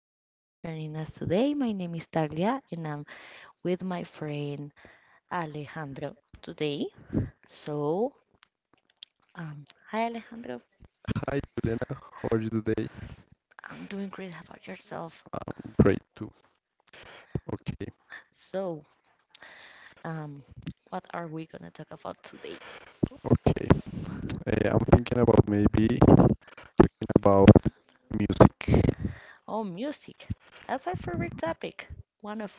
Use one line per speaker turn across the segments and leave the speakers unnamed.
you so much for joining us today. My name is Taglia, and I'm with my friend Alejandro today. So, um, hi, Alejandro.
Hi Juliana, how are you today? I'm
I'm doing great. How about yourself?
great too. Okay,
So, um, what are we gonna talk about today?
okay. I'm thinking about maybe talking about music.
Oh, music. That's our favorite topic. One of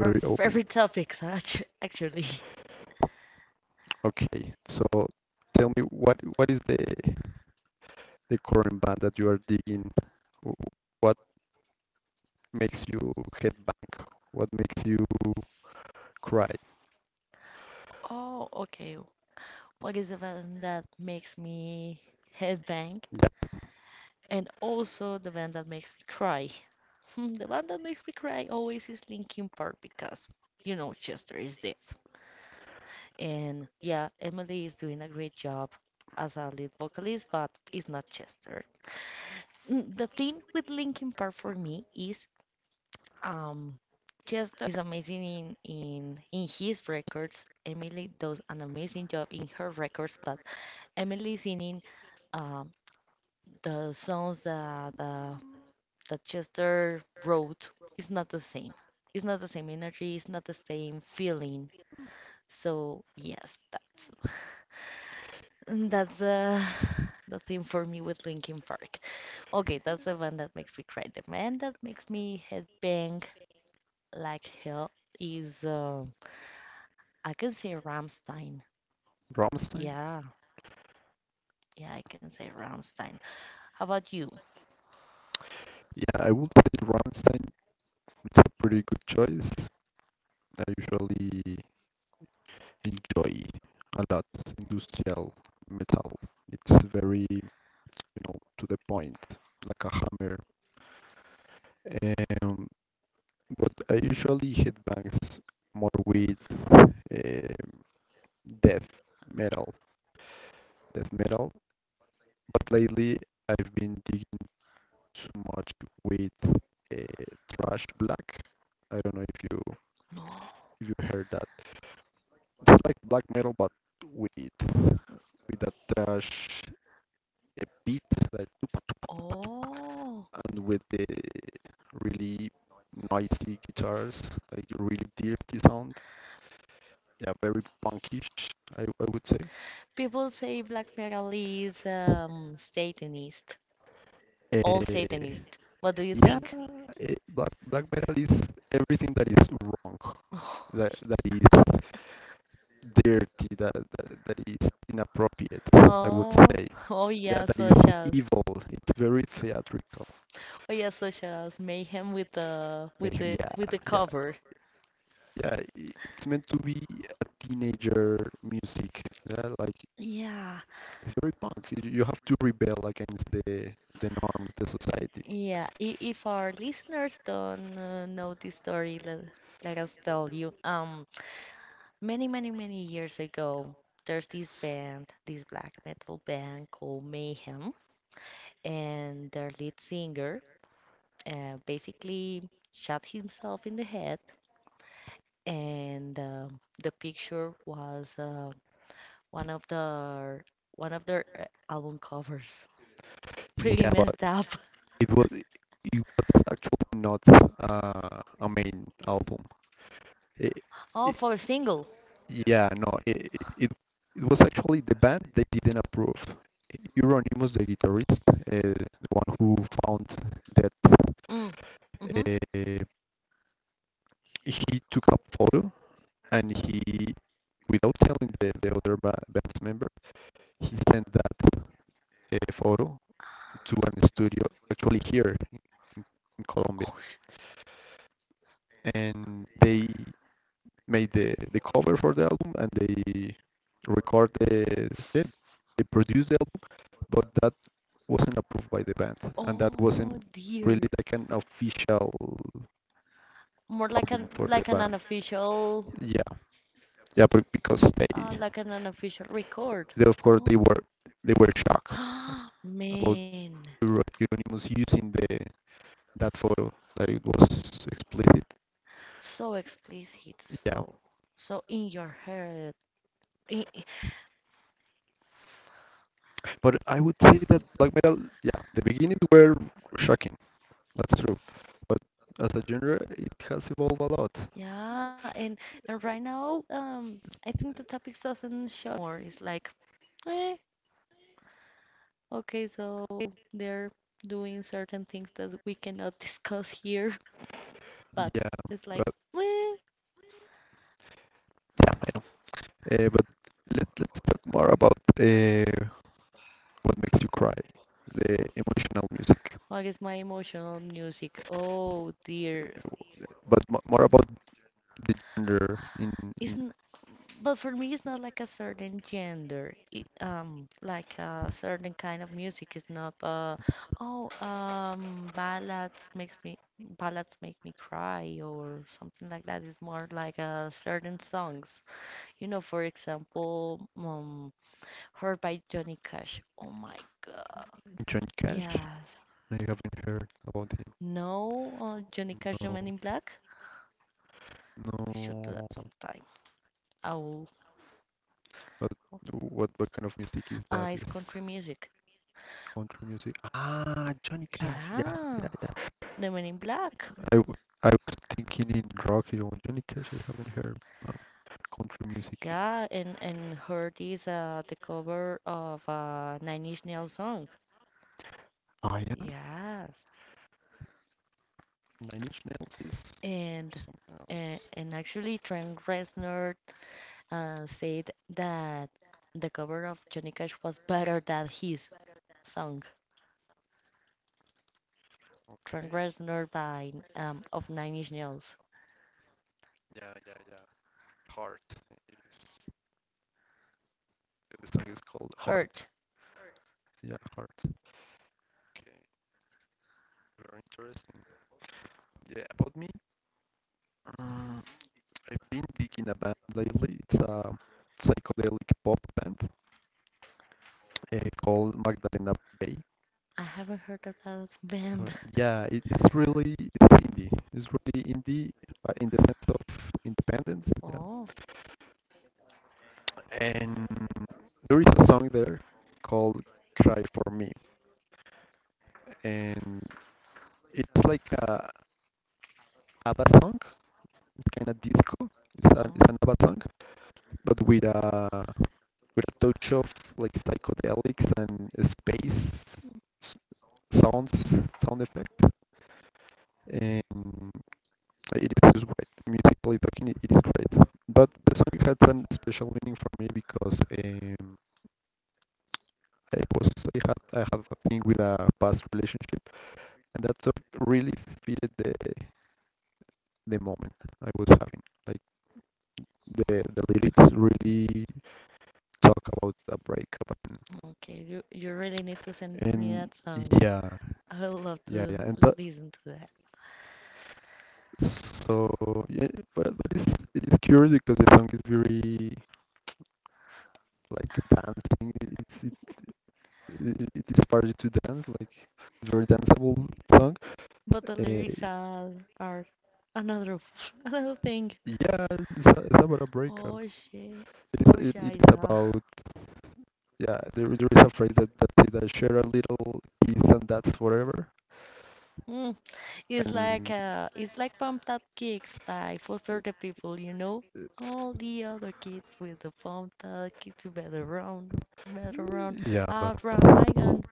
our
open.
favorite topics, actually.
Okay, so tell me what is the current band that you are digging? Wh- What makes you head back? What makes you cry?
Oh, okay. What is the band that makes me headbang? And also the band that makes me cry. The one that makes me cry always is Linkin Park because, Chester is dead. And yeah, Emily is doing a great job as a lead vocalist, but it's not Chester. The thing with Linkin Park for me is um Chester is amazing in his records. Emily does an amazing job in her records, but Emily singing um the songs that Chester wrote is not the same. It's not the same energy. It's not the same feeling. So yes, that's the thing for me with Linkin Park. Okay, that's the one that makes me cry. The one that makes me headbang like hell is I can say Ramstein.
Rammstein?
Yeah, yeah, I can say Ramstein. How about you?
Yeah, I would say Rammstein. It's a pretty good choice. I usually enjoy a lot industrial metal. It's very, to the point, like a hammer. Um, but I usually headbangs more with uh, death metal, death metal. But lately, I've been digging so much with uh, thrash black. I don't know if you
No.
if you heard that. It's like black metal, but with with a thrash beat like. Tupa, tupa, tupa, tupa,
Oh,
and with the really noisy guitars, like really dirty sound. Yeah, very punkish, I would say.
people say black metal is Satanist. All
Uh,
Satanists. What do you
yeah,
think?
black metal is everything that is wrong, that that is dirty, that is inappropriate. I would
Oh,
say,
oh oh
yeah,
yeah,
that is
such as
evil. It's very theatrical.
oh yeah, such as Mayhem with the with
Mayhem,
the with
yeah,
the
yeah.
cover.
Yeah, it's meant to be a teenager music. Yeah, like
Yeah,
it's very punk. You have to rebel against the norms, the society.
yeah. If our listeners don't know this story, let us tell you. Many, many, many years ago, there's this band, this black metal band called Mayhem, and their lead singer basically shot himself in the head and the picture was one of the one of their album covers. Pretty
Yeah, but
messed up.
it was actually not a main album. It,
Oh,
it,
for a single.
yeah, no, it it was actually the band they didn't approve. Euronymous, the guitarist, the one who found that,
Mm. Mm-hmm.
uh, he took a photo and he, without telling the other band's member, he sent that photo to an studio actually here in, Colombia,
Oh, sh-
and they made the cover for the album and record the they, they produced the album, but that wasn't approved by the band, and that
oh
wasn't really
dear.
like an official
More like
album
an
for the
like an
band.
unofficial,
Yeah, yeah, but because
uh,
they,
like an unofficial record.
they of course they
Oh,
were they were shocked about
man.
Euronymous using the that photo that it was explicit.
So explicit.
Yeah,
So in your head. In
but I would say that black metal, yeah, the beginnings were shocking. That's true, but as a genre, it has evolved a lot.
Yeah, and right now, I think the topics doesn't shock more. It's like, eh, okay, so they're doing certain things that we cannot discuss here, but
Yeah,
it's
but
like, eh.
yeah, I know. But let's talk more about what makes you cry, the emotional music,
I guess my emotional music. Oh dear,
but more about the genre in
It's n but for me, it's not like a certain gender. It, like a certain kind of music. It's not. Oh, um, ballads makes me ballads make me cry or something like that. It's more like a certain songs. For example, Hurt by Johnny Cash. Oh my God.
John Cash.
Yes.
I haven't heard about him.
No, Johnny Cash, The
No.
Man in Black. We should do that
No,
sometime. I will.
but what kind of music is that? Is
It's country music.
country music? Ah, Johnny Cash. Yeah, yeah,
Yeah,
yeah.
The Men in Black.
I, w- I was thinking in rock, Johnny Cash. I haven't heard um, country music.
Yeah, and Hurt is the cover of a Nine Inch Nails song.
Ah, yeah.
Yes,
Nine Inch Nails is
and
something
and,
else.
and actually Trent Reznor said that the cover of Johnny Cash was better than his song.
Okay.
Trent Reznor by of Nine Inch Nails.
Yeah, yeah, yeah. Heart. It is. The song is called Heart.
Hurt.
Yeah, Heart. Okay. Very interesting. Yeah, about me. Mm. I've been digging a band lately. It's a psychedelic pop band uh, called Magdalena Bay.
I haven't heard of that
Uh,
band.
Yeah, it's indie. It's really indie in the sense of independence.
Oh,
Yeah. And there is a song there called "Cry for Me," and it's like a ABBA song. It's kind of disco. It's an it's
oh.
an ABBA song, but with a touch of like psychedelics and space sounds, sound effect, and it is just great. Musically talking, it is great. But the song had some special meaning for me because um, I was I had a thing with a past relationship, and that song really fitted the moment I was having. Like the lyrics really talk about a breakup, and,
Okay, you really need to send me
and
that song.
yeah,
I would love
yeah,
to
yeah, and that
listen to that.
so yeah, but it's curious because the song is very like dancing. It is party to dance. Like it's very danceable song.
But the
Uh,
lyrics are another another thing.
yeah, it's about a
Oh
breakup.
shit.
It
Oh
is it, it is
shiza.
about, yeah. There is a phrase that say that share a little kiss and that's forever.
Mm. It's like
And
uh it's like Pumped Up Kicks by Foster the People, you know?
uh,
All the other kids with the pumped up kicks you better run,
yeah, but
outrun my
but
gun.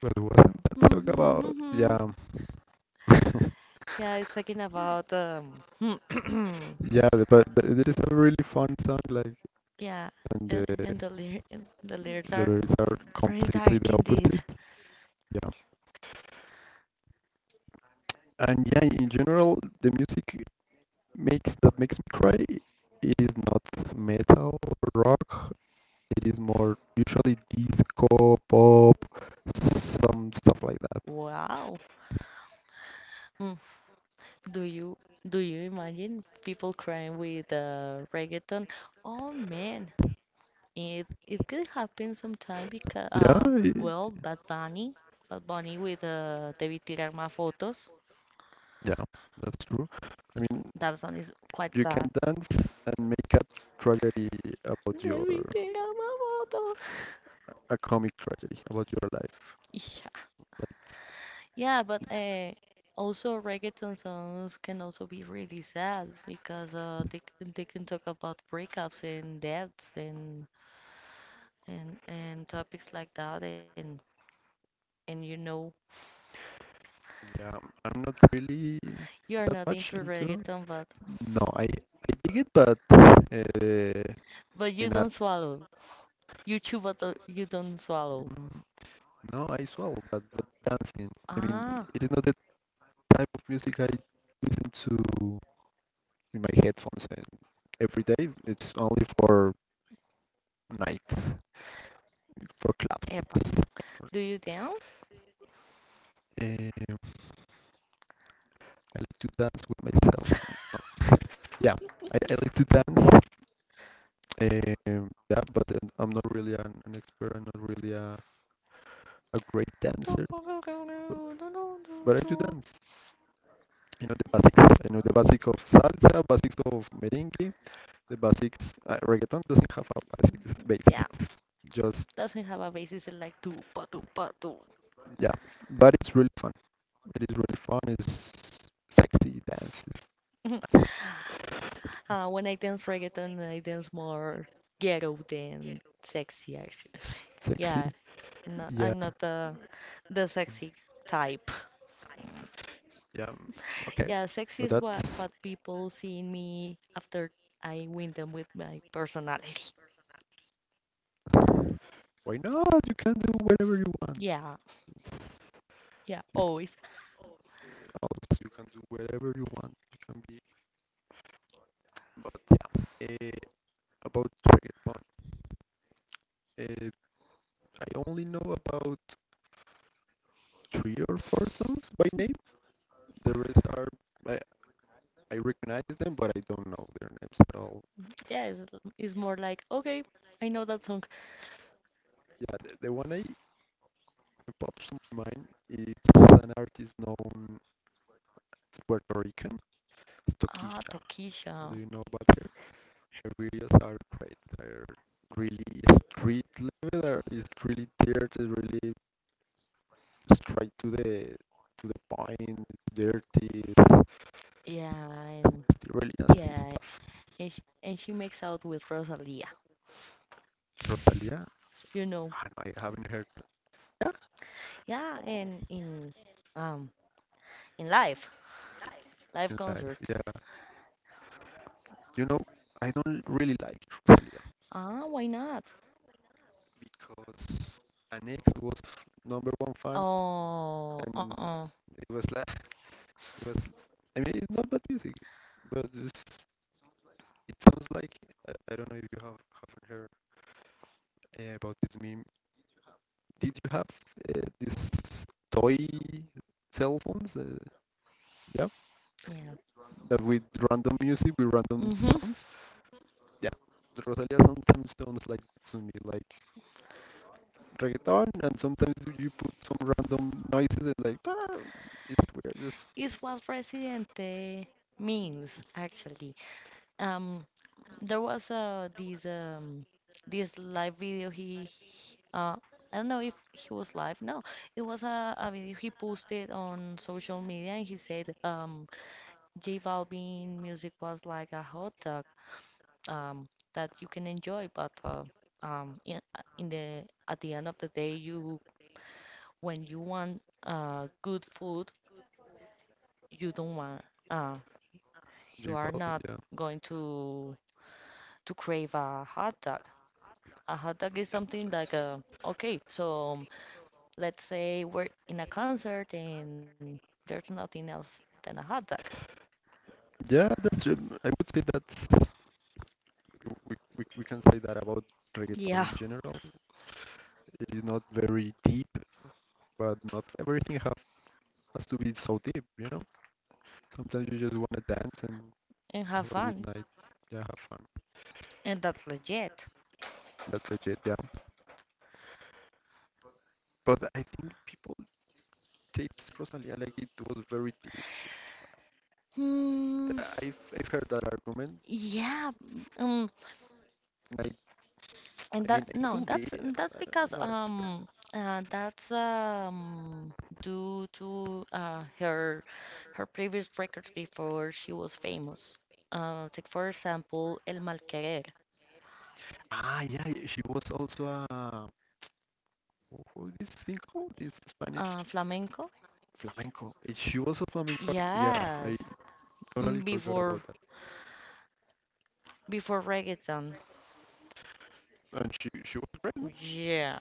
it wasn't that song
Mm-hmm,
about,
mm-hmm.
yeah.
Yeah, it's talking about
Yeah, but there is a really fun song like,
Yeah,
and
and,
the
and the lyr and the lyrics
the
are
lyrics are
very
completely the
dark
opposite.
indeed.
Yeah. And yeah, in general, the music makes that makes me cry is not metal or rock. It is more usually disco, pop, some stuff like that.
Wow. Mm. Do you do you imagine people crying with reggaeton? Oh man, it could happen sometime because
Yeah,
well, Bad Bunny with Debí tirar más fotos.
yeah, that's true. I mean,
That song is quite
you
sad.
can dance and make a tragedy about your
Debí tirar más fotos.
a comic tragedy about your life.
Yeah, but also reggaeton songs can also be really sad because they can talk about breakups and deaths and topics like that and
Yeah, I'm not really
you're
that
not
much
into
into.
reggaeton but
No, I dig it, but
but you
in
don't swallow you chew but you don't swallow.
a no, I swallow, but dancing. I mean,
Ah,
it is not the type of music I listen to in my headphones and every day. It's only for night, for clubs.
epa.
It's for,
Do you dance?
um I like to dance with myself. No. Yeah, I like to dance. Yeah, but I'm not really an expert. I'm not really a great dancer, but, but I do dance. I know the basics. I know the basics of salsa, basics of merengue, the basics. Reggaeton doesn't have a basics. Basics,
Yeah,
it's just,
doesn't have a basis in like do pa do pa do.
yeah. But it's really fun. It is really fun. It's sexy dance. It's nice.
When I dance reggaeton, I dance more ghetto than sexy, actually.
Sexy.
Yeah, I'm not,
Yeah.
I'm not the sexy type.
Yeah. Mm, okay.
Yeah, sexy
But
is what
that's
what people see in me after I win them with my personality.
why not. You can do whatever you want.
Yeah, yeah, always.
Always, you can do whatever you want. You can be. But yeah. About reggaeton, uh, I only know about three or four songs by name. The rest are, I, I recognize them, but I don't know their names at all.
Yeah, it's more like, okay, I know that song.
Yeah, the one I pops to mind is an artist known as Puerto Rican, it's,
Ah,
do you
Tokisha.
know about her? Her videos are great. They're really street level. They're, it's really dirty, really straight to the point. It's dirty. It's,
Yeah,
it's really
yeah,
nasty
and
stuff.
and she makes out with Rosalia,
Rosalia?
you know.
Ah, no, I haven't heard. Yeah,
Yeah, and
oh,
um in life. Live
in life. Yeah,
concerts.
you know, I don't really like Rosalia
Ah, why not?
because an ex was number one fan
Oh,
and
uh-uh.
it was like it was I mean, it's not bad music, but it sounds like, I don't know if you haven't heard about this meme. Did you have these toy cell phones? Yeah,
Yeah.
that with random music with random
Mm-hmm.
sounds. Yeah, the Rosalia sometimes sounds like to me like reggaeton, and sometimes you put some random noises like "Ah," it's weird. It's
It's what Residente means, actually. Um, there was this live video he uh I don't know if he was live. No, it was a video he posted on social media and he said J Balvin music was like a hot dog um, that you can enjoy. But in the at the end of the day, you when you want good food, you don't want uh, you
J
are
Balvin,
not
yeah.
going to crave a hot dog. A hot dog is
Yeah,
something like a okay. So let's say we're in a concert and there's nothing else than a hot dog.
yeah. That's, I would say, that's, we can say that about
Yeah,
reggaeton in general. It is not very deep, but not everything have, has to be so deep, you know? Sometimes you just want to dance and
and
have
have
a good
fun,
night. Yeah, have fun.
and that's legit.
That's it, yeah. But I think people take Rosalia like it was very deep.
Hmm.
I've heard that argument.
Yeah. Um.
And I,
And
I mean,
that
it
no,
could be.
that's that's
I'm
because
not an expert.
that's due to her previous records before she was famous. Take for example El Malquerer,
Ah, yeah, she was also a. What is this thing called? This Spanish
flamenco.
flamenco. She was a flamenco. Yeah, I
Yes,
totally
mm,
forgot about
before
that.
before reggaeton.
And she was great, no?
Yeah,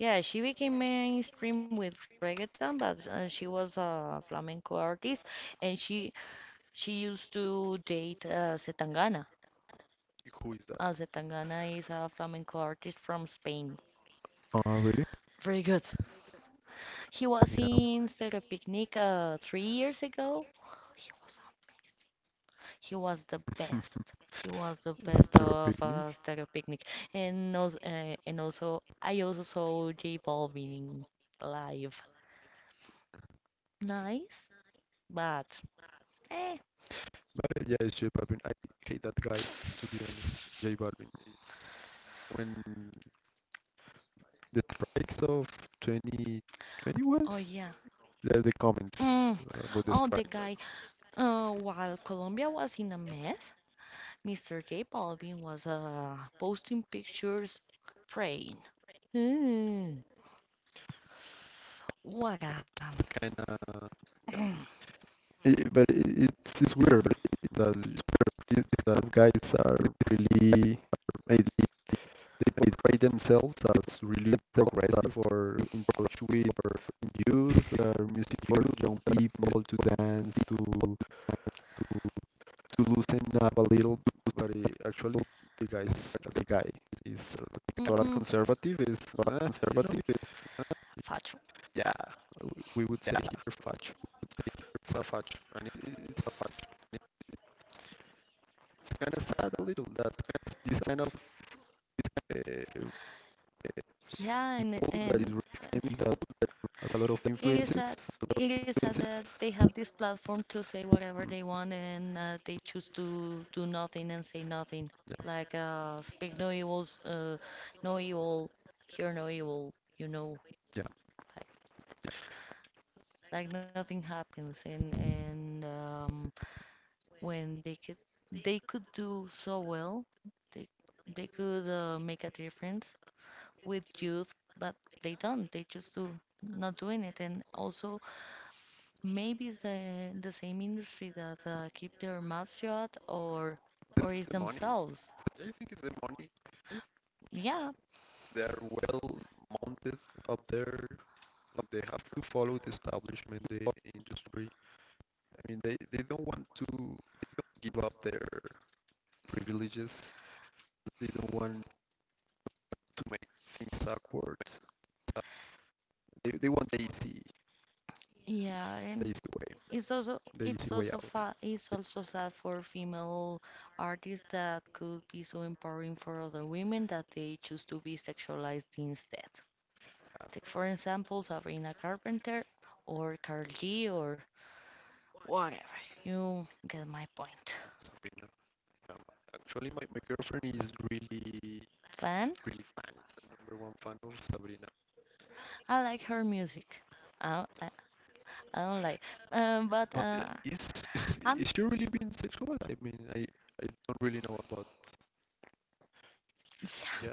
yeah, she became mainstream with reggaeton, but she was a flamenco artist, and she used to date Zetangana.
Who is that?
José Tangana is a flamenco artist from Spain.
Oh, really?
Very good. He
Yeah.
was in Stereo
Through a
Picnic
picnic. But
three years
3 years
ago. He was um, he was the best. He was the
ago.
best
Stereo
of
Picnic?
Stereo Picnic, and also I also saw J Balvin in live. Nice, but eh.
But yeah, it's J Balvin. I hate that guy, to be honest. J Balvin. It's when the strikes of 2020 was
Oh yeah.
the comments
Mm.
about the
Oh, the
strike, like
guy.
it's
While Colombia was in a mess, Mr. J Balvin was posting pictures praying. Mm. What a
kind of it, but it's weird that guys are really, they, they portray themselves as really progressive or in touch with youth, music for young people to dance, to loosen up a little. But actually, the guy is
mm,
total conservative. Is conservative. Is, uh,
facho.
yeah, we would say, yeah. Here facho. It's a facho, and it's a facho. It's kind of sad a little that this kind of uh, uh,
Yeah, and,
people that is
and
really
and
famous that has a lot of
it is
influences.
sad.
A lot of
It is sad that
influences.
they have this platform to say whatever they want and they choose to do nothing and say nothing.
Yeah,
Like speak no evils, no evil, hear no evil. You know,
yeah.
like like nothing happens and when they could do so well. They they could make a difference with youth, but they don't. They just do not doing it. And also maybe it's the same industry that keep their mouth shut or
It's
it's
the money.
themselves.
I think it's the money. If
Yeah,
they are well mounted up there. Like they have to follow the establishment, the industry. I mean, they don't give up their privileges. They don't want to make things awkward. They want easy
yeah,
the
and
easy way,
it's also
the easy
it's
way
also
out.
fa it's also sad for female artists that could be so empowering for other women that they choose to be sexualized instead.
Yeah,
Take for example Sabrina Carpenter or Carl G or whatever. You get my point.
sorry, no. Um, Actually, my girlfriend is really,
Fan,
really fan. It's a number one fan of Sabrina.
I like her music. I I I don't like, but
But is, is
I'm
is she really being sexual? I mean, I don't really know about. Yeah,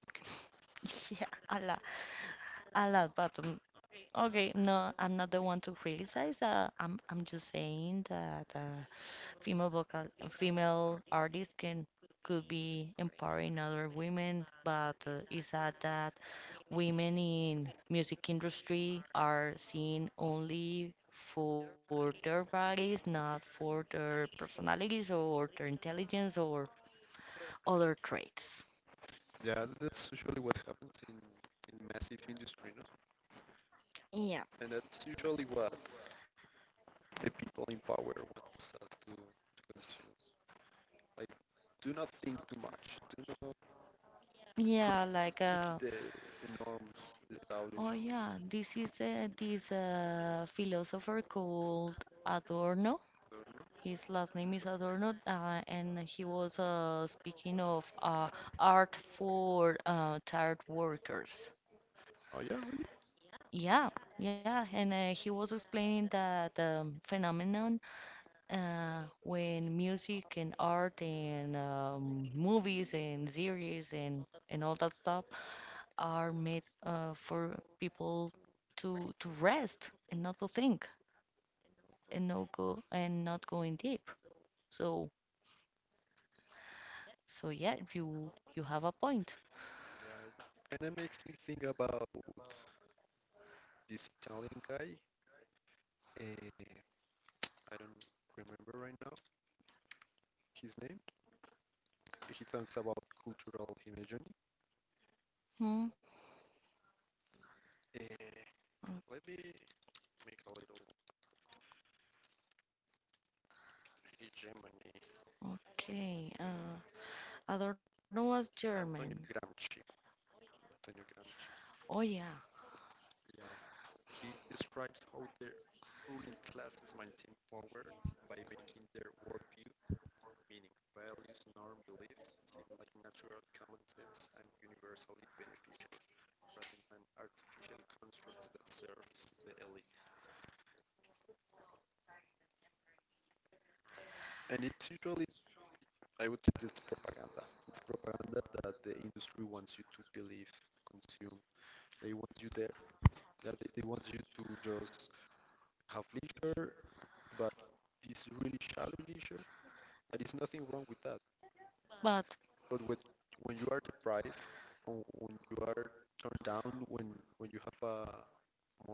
okay.
yeah, yeah, I love. But okay, no, I'm not the one to criticize. I'm just saying that female artists can could be empowering other women, but is that women in music industry are seen only for their bodies, not for their personalities or their intelligence or other traits.
Yeah, that's usually what happens in massive industry, no?
Yeah.
And that's usually what the people in power wants us to consume. Like, do not think too much. Do not
Yeah, like
critique the norms established.
oh yeah, this is this philosopher called Adorno. His last name is Adorno, and he was speaking of art for tired workers.
Oh yeah, really?
Yeah, yeah, and he was explaining that the phenomenon when music and art and movies and series and all that stuff are made for people to rest and not to think and not go and not going deep. So so yeah, you have a point.
Yeah, it kind of makes me think about this Italian guy. Uh, I don't remember right now his name. He talks about cultural hegemony.
Hmm.
Uh,
o-
Let me make a little hegemony.
Okay. Adorno was German.
Antonio Gramsci. Antonio
Oh yeah,
Gramsci. Yeah, he describes how the ruling classes maintain power by making their worldview meaning. Values, norm, beliefs seem like natural, common sense, and universally beneficial, rather than artificial constructs that serves the elite. And it's usually, I would say, this propaganda. It's propaganda that the industry wants you to believe, consume. They want you there. Yeah, they want you to just have leisure, but this really shallow leisure. And it's nothing wrong with that.
but
But when you are deprived, when you are turned down, when you have a more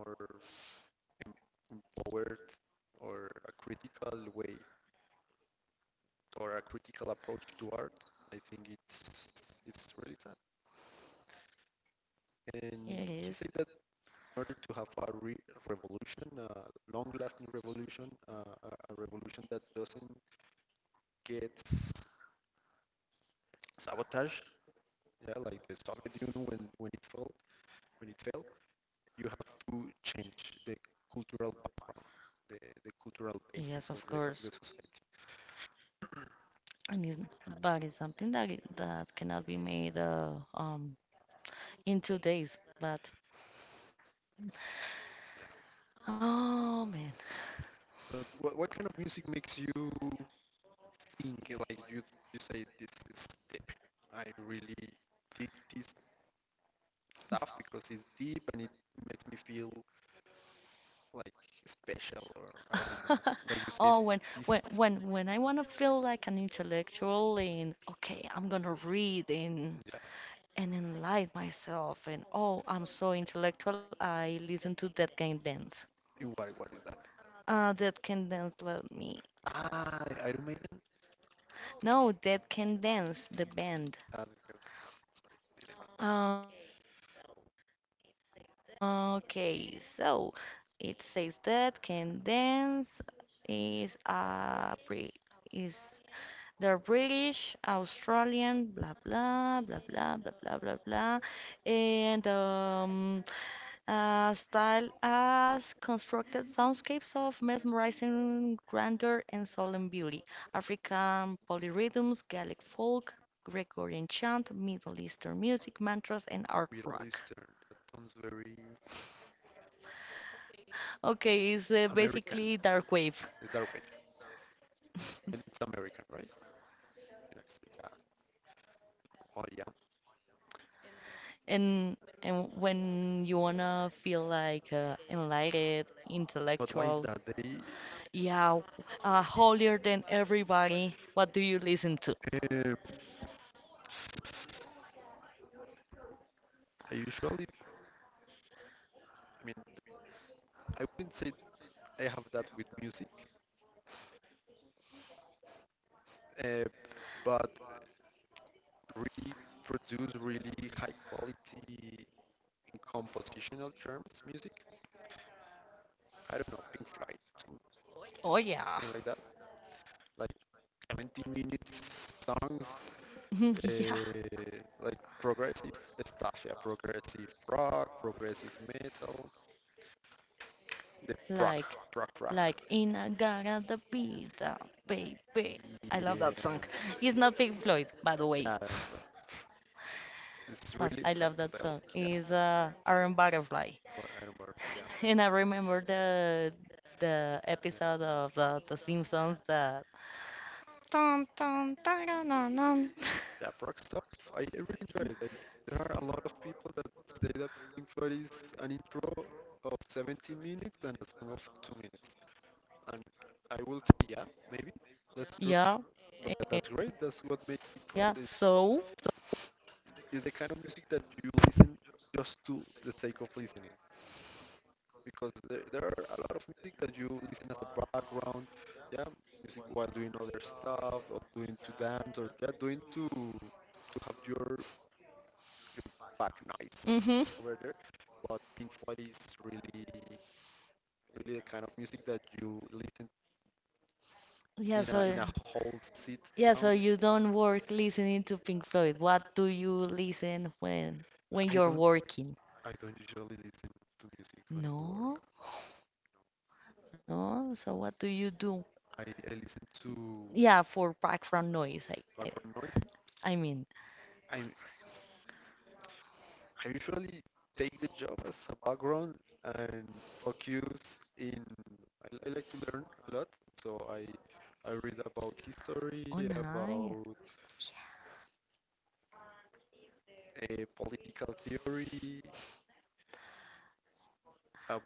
empowered or a critical way or a critical approach to art, I think it's really sad.
it
And he
is.
said that in order to have a revolution, a long-lasting revolution, a revolution that doesn't get sabotage, yeah, like the Soviet Union when it fell, when it fell, you have to change the cultural background, the, the cultural
Yes,
basis
of
of
course.
the society.
And it's, but it's something that that cannot be made in 2 days. But
Yeah.
oh man,
But what kind of music makes you think like you say this is deep? I really dig this stuff because it's deep and it makes me feel like special or I don't know. Like you say
oh when
this,
when when when I wanna feel like an intellectual and okay, I'm gonna read and
yeah.
and enlighten myself and oh, I'm so intellectual. I listen to Dead Can Dance.
What is that?
Dead Can Dance. Let me.
Ah,
Uh,
Iron Maiden.
no, Dead Can Dance, the band.
Ah, this no, sorry,
Okay, so it says that can dance is a Brit is the British, Australian, blah blah blah blah blah blah blah blah, and styled as constructed soundscapes of mesmerizing grandeur and solemn beauty. African polyrhythms, Gaelic folk, Gregorian chant, Middle Eastern music, mantras, and art rock.
Middle Eastern. That sounds very
Okay, it's
American.
basically dark wave.
Is that way? And it's American, right? Yes, yeah. Oh yeah.
And and when you wanna feel like enlightened,
But why is that?
intellectual,
They
yeah, holier than everybody, what do you listen to?
uh, I usually, I mean, I wouldn't say I have that with music, uh, but really produce really high quality in compositional terms music. I don't know, Pink Floyd,
Oh
thing
yeah,
like that. Like 20-minute songs,
yeah.
uh, like progressive stuff, yeah, progressive rock, progressive metal, the prog,
Like,
prog rock.
like in a gaga the pizza, baby. I love
Yeah,
that song. It's not Pink Floyd, by the way,
yeah, it's
but
really
I love that song.
psychedelic, yeah,
It's Iron Butterfly,
but I do, yeah,
and I remember the episode of
yeah,
the Simpsons that. Dun, dun, dun, dun, dun, dun.
yeah, rock stuff. I really enjoy it. Like, there are a lot of people that say that Pink Floyd is an intro of 17 minutes and a song of 2 minutes, and I will say, yeah, maybe that's true.
Yeah,
But
eh,
that's great. That's what makes it great.
yeah.
Is
So,
is the kind of music that you listen just to the sake of listening, because there are a lot of music that you listen as a background. Yeah, music while doing other stuff, or doing to dance, or yeah, doing to have your back nice
mhm.
over there. But Pink Floyd is really, really the kind of music that you listen
Yeah.
in a
So.
whole sit
Yeah,
down.
so you don't work listening to Pink
To
Floyd. What do you listen when
I
when
your
you're
don't,
working?
I don't usually listen to music when I work.
No, no. So what do you do?
I, I listen to
Yeah, for background noise.
background noise.
I mean,
I I usually take the job as a background and focus in. I like to learn a lot, so I read about history,
oh
about
nice.
political theory, about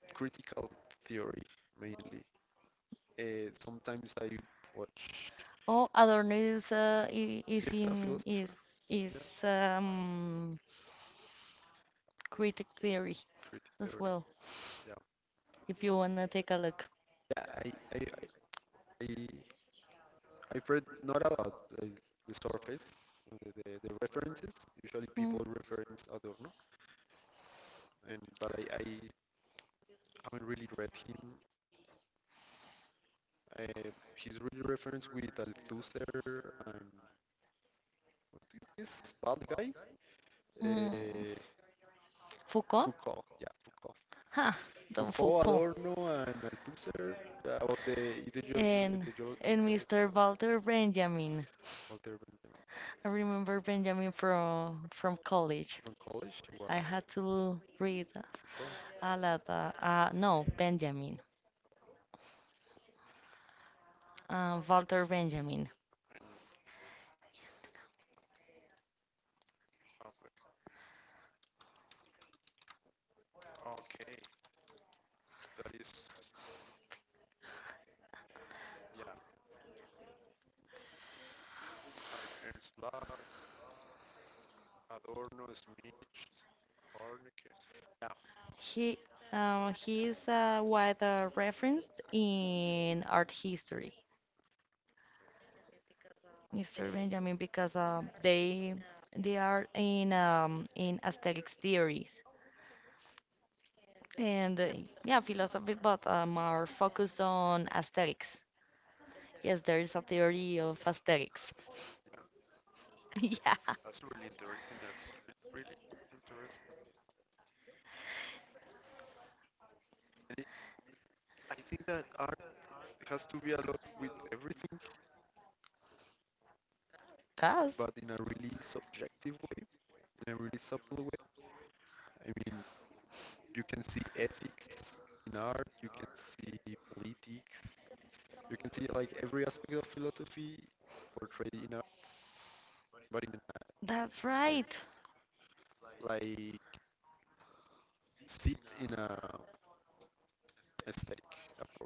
critical theory mainly. Sometimes I watch.
Oh, Adorno is I-
Is
is
that a
in
philosopher?
is
Yeah,
is critic theory
critical theory.
as well.
Yeah,
If you wanna take a look.
yeah. I- I've read not a lot. Uh, the surface, the references. Usually people
Mm,
reference Adorno, and but I haven't really read him. He's really referenced with Althusser and what is this bad guy? Uh,
mm. Foucault?
Foucault. Yeah, Foucault.
Ha, Don
Foucault,
Foucault.
Adorno, and Althusser about the ideology,
And
ideology,
and Mr. Walter Benjamin.
Walter Benjamin
I remember Benjamin from
from
college.
college. Why
I had to read
Foucault?
a lot. No, Benjamin. Walter Benjamin.
And, uh, okay, that is, yeah, Ernst Bloch, Adorno, Smith, Hornecke. Yeah,
He he is wide referenced in art history. Mr. Benjamin because they are in aesthetics theories and yeah philosophy, but more focused on aesthetics. Yes, there is a theory of
yeah,
aesthetics.
that's really
Yeah,
interesting. That's really, really interesting. And it, I think that art has to be along with everything, but in a
does.
really subjective way, in a really subtle way. I mean, you can see ethics in art, you can see politics, you can see like every aspect of philosophy portrayed in art, but in an, I
That's
mean,
right.
like sit in a aesthetic approach.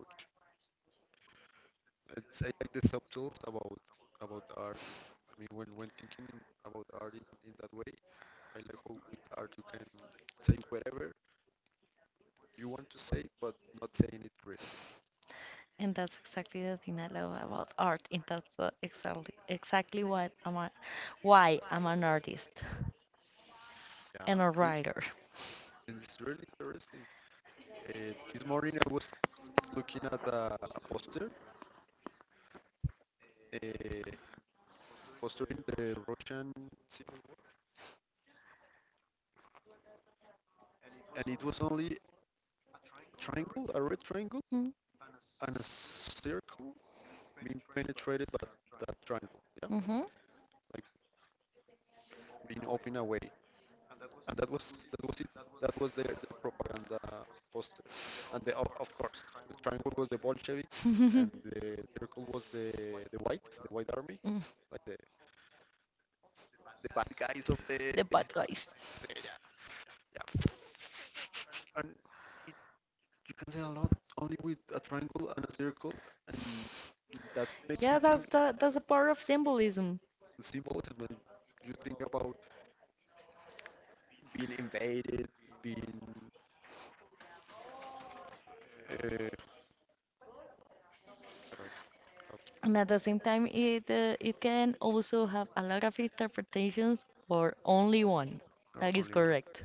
It's I like the subtles about art. I mean, when thinking about art in that way, I like how with art you can say whatever you want to say, but not saying it really.
And that's exactly the thing I love about art. And that's exactly why I'm an artist
Yeah,
and a
it,
writer.
it's really interesting. This morning I was looking at a poster in the Russian Civil War, and it was only a triangle, a red triangle, and a circle being penetrated by that triangle, yeah,
Mm-hmm.
like being open away, and that was it. That was their the propaganda poster, and the, of course the triangle was the Bolsheviks, and the circle was the whites, the white army, like the bad guys of the
The bad guys.
yeah, yeah, yeah, and you can say a lot only with a triangle and a circle, and that makes
Yeah,
you think
that's the power of symbolism,
the same emotion when you think about being invaded, being. Uh, sorry,
and at the same time, it can also have a lot of interpretations or only one.
our only
That is
one.
correct.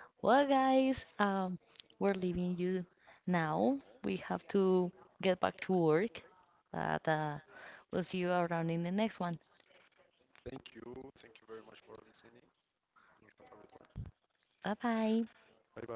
Well, guys, we're leaving you now. We have to get back to work, but we'll see you around in the next one.
Thank you. Thank you very much for listening. You have a good one.
Bye bye.
Bye bye.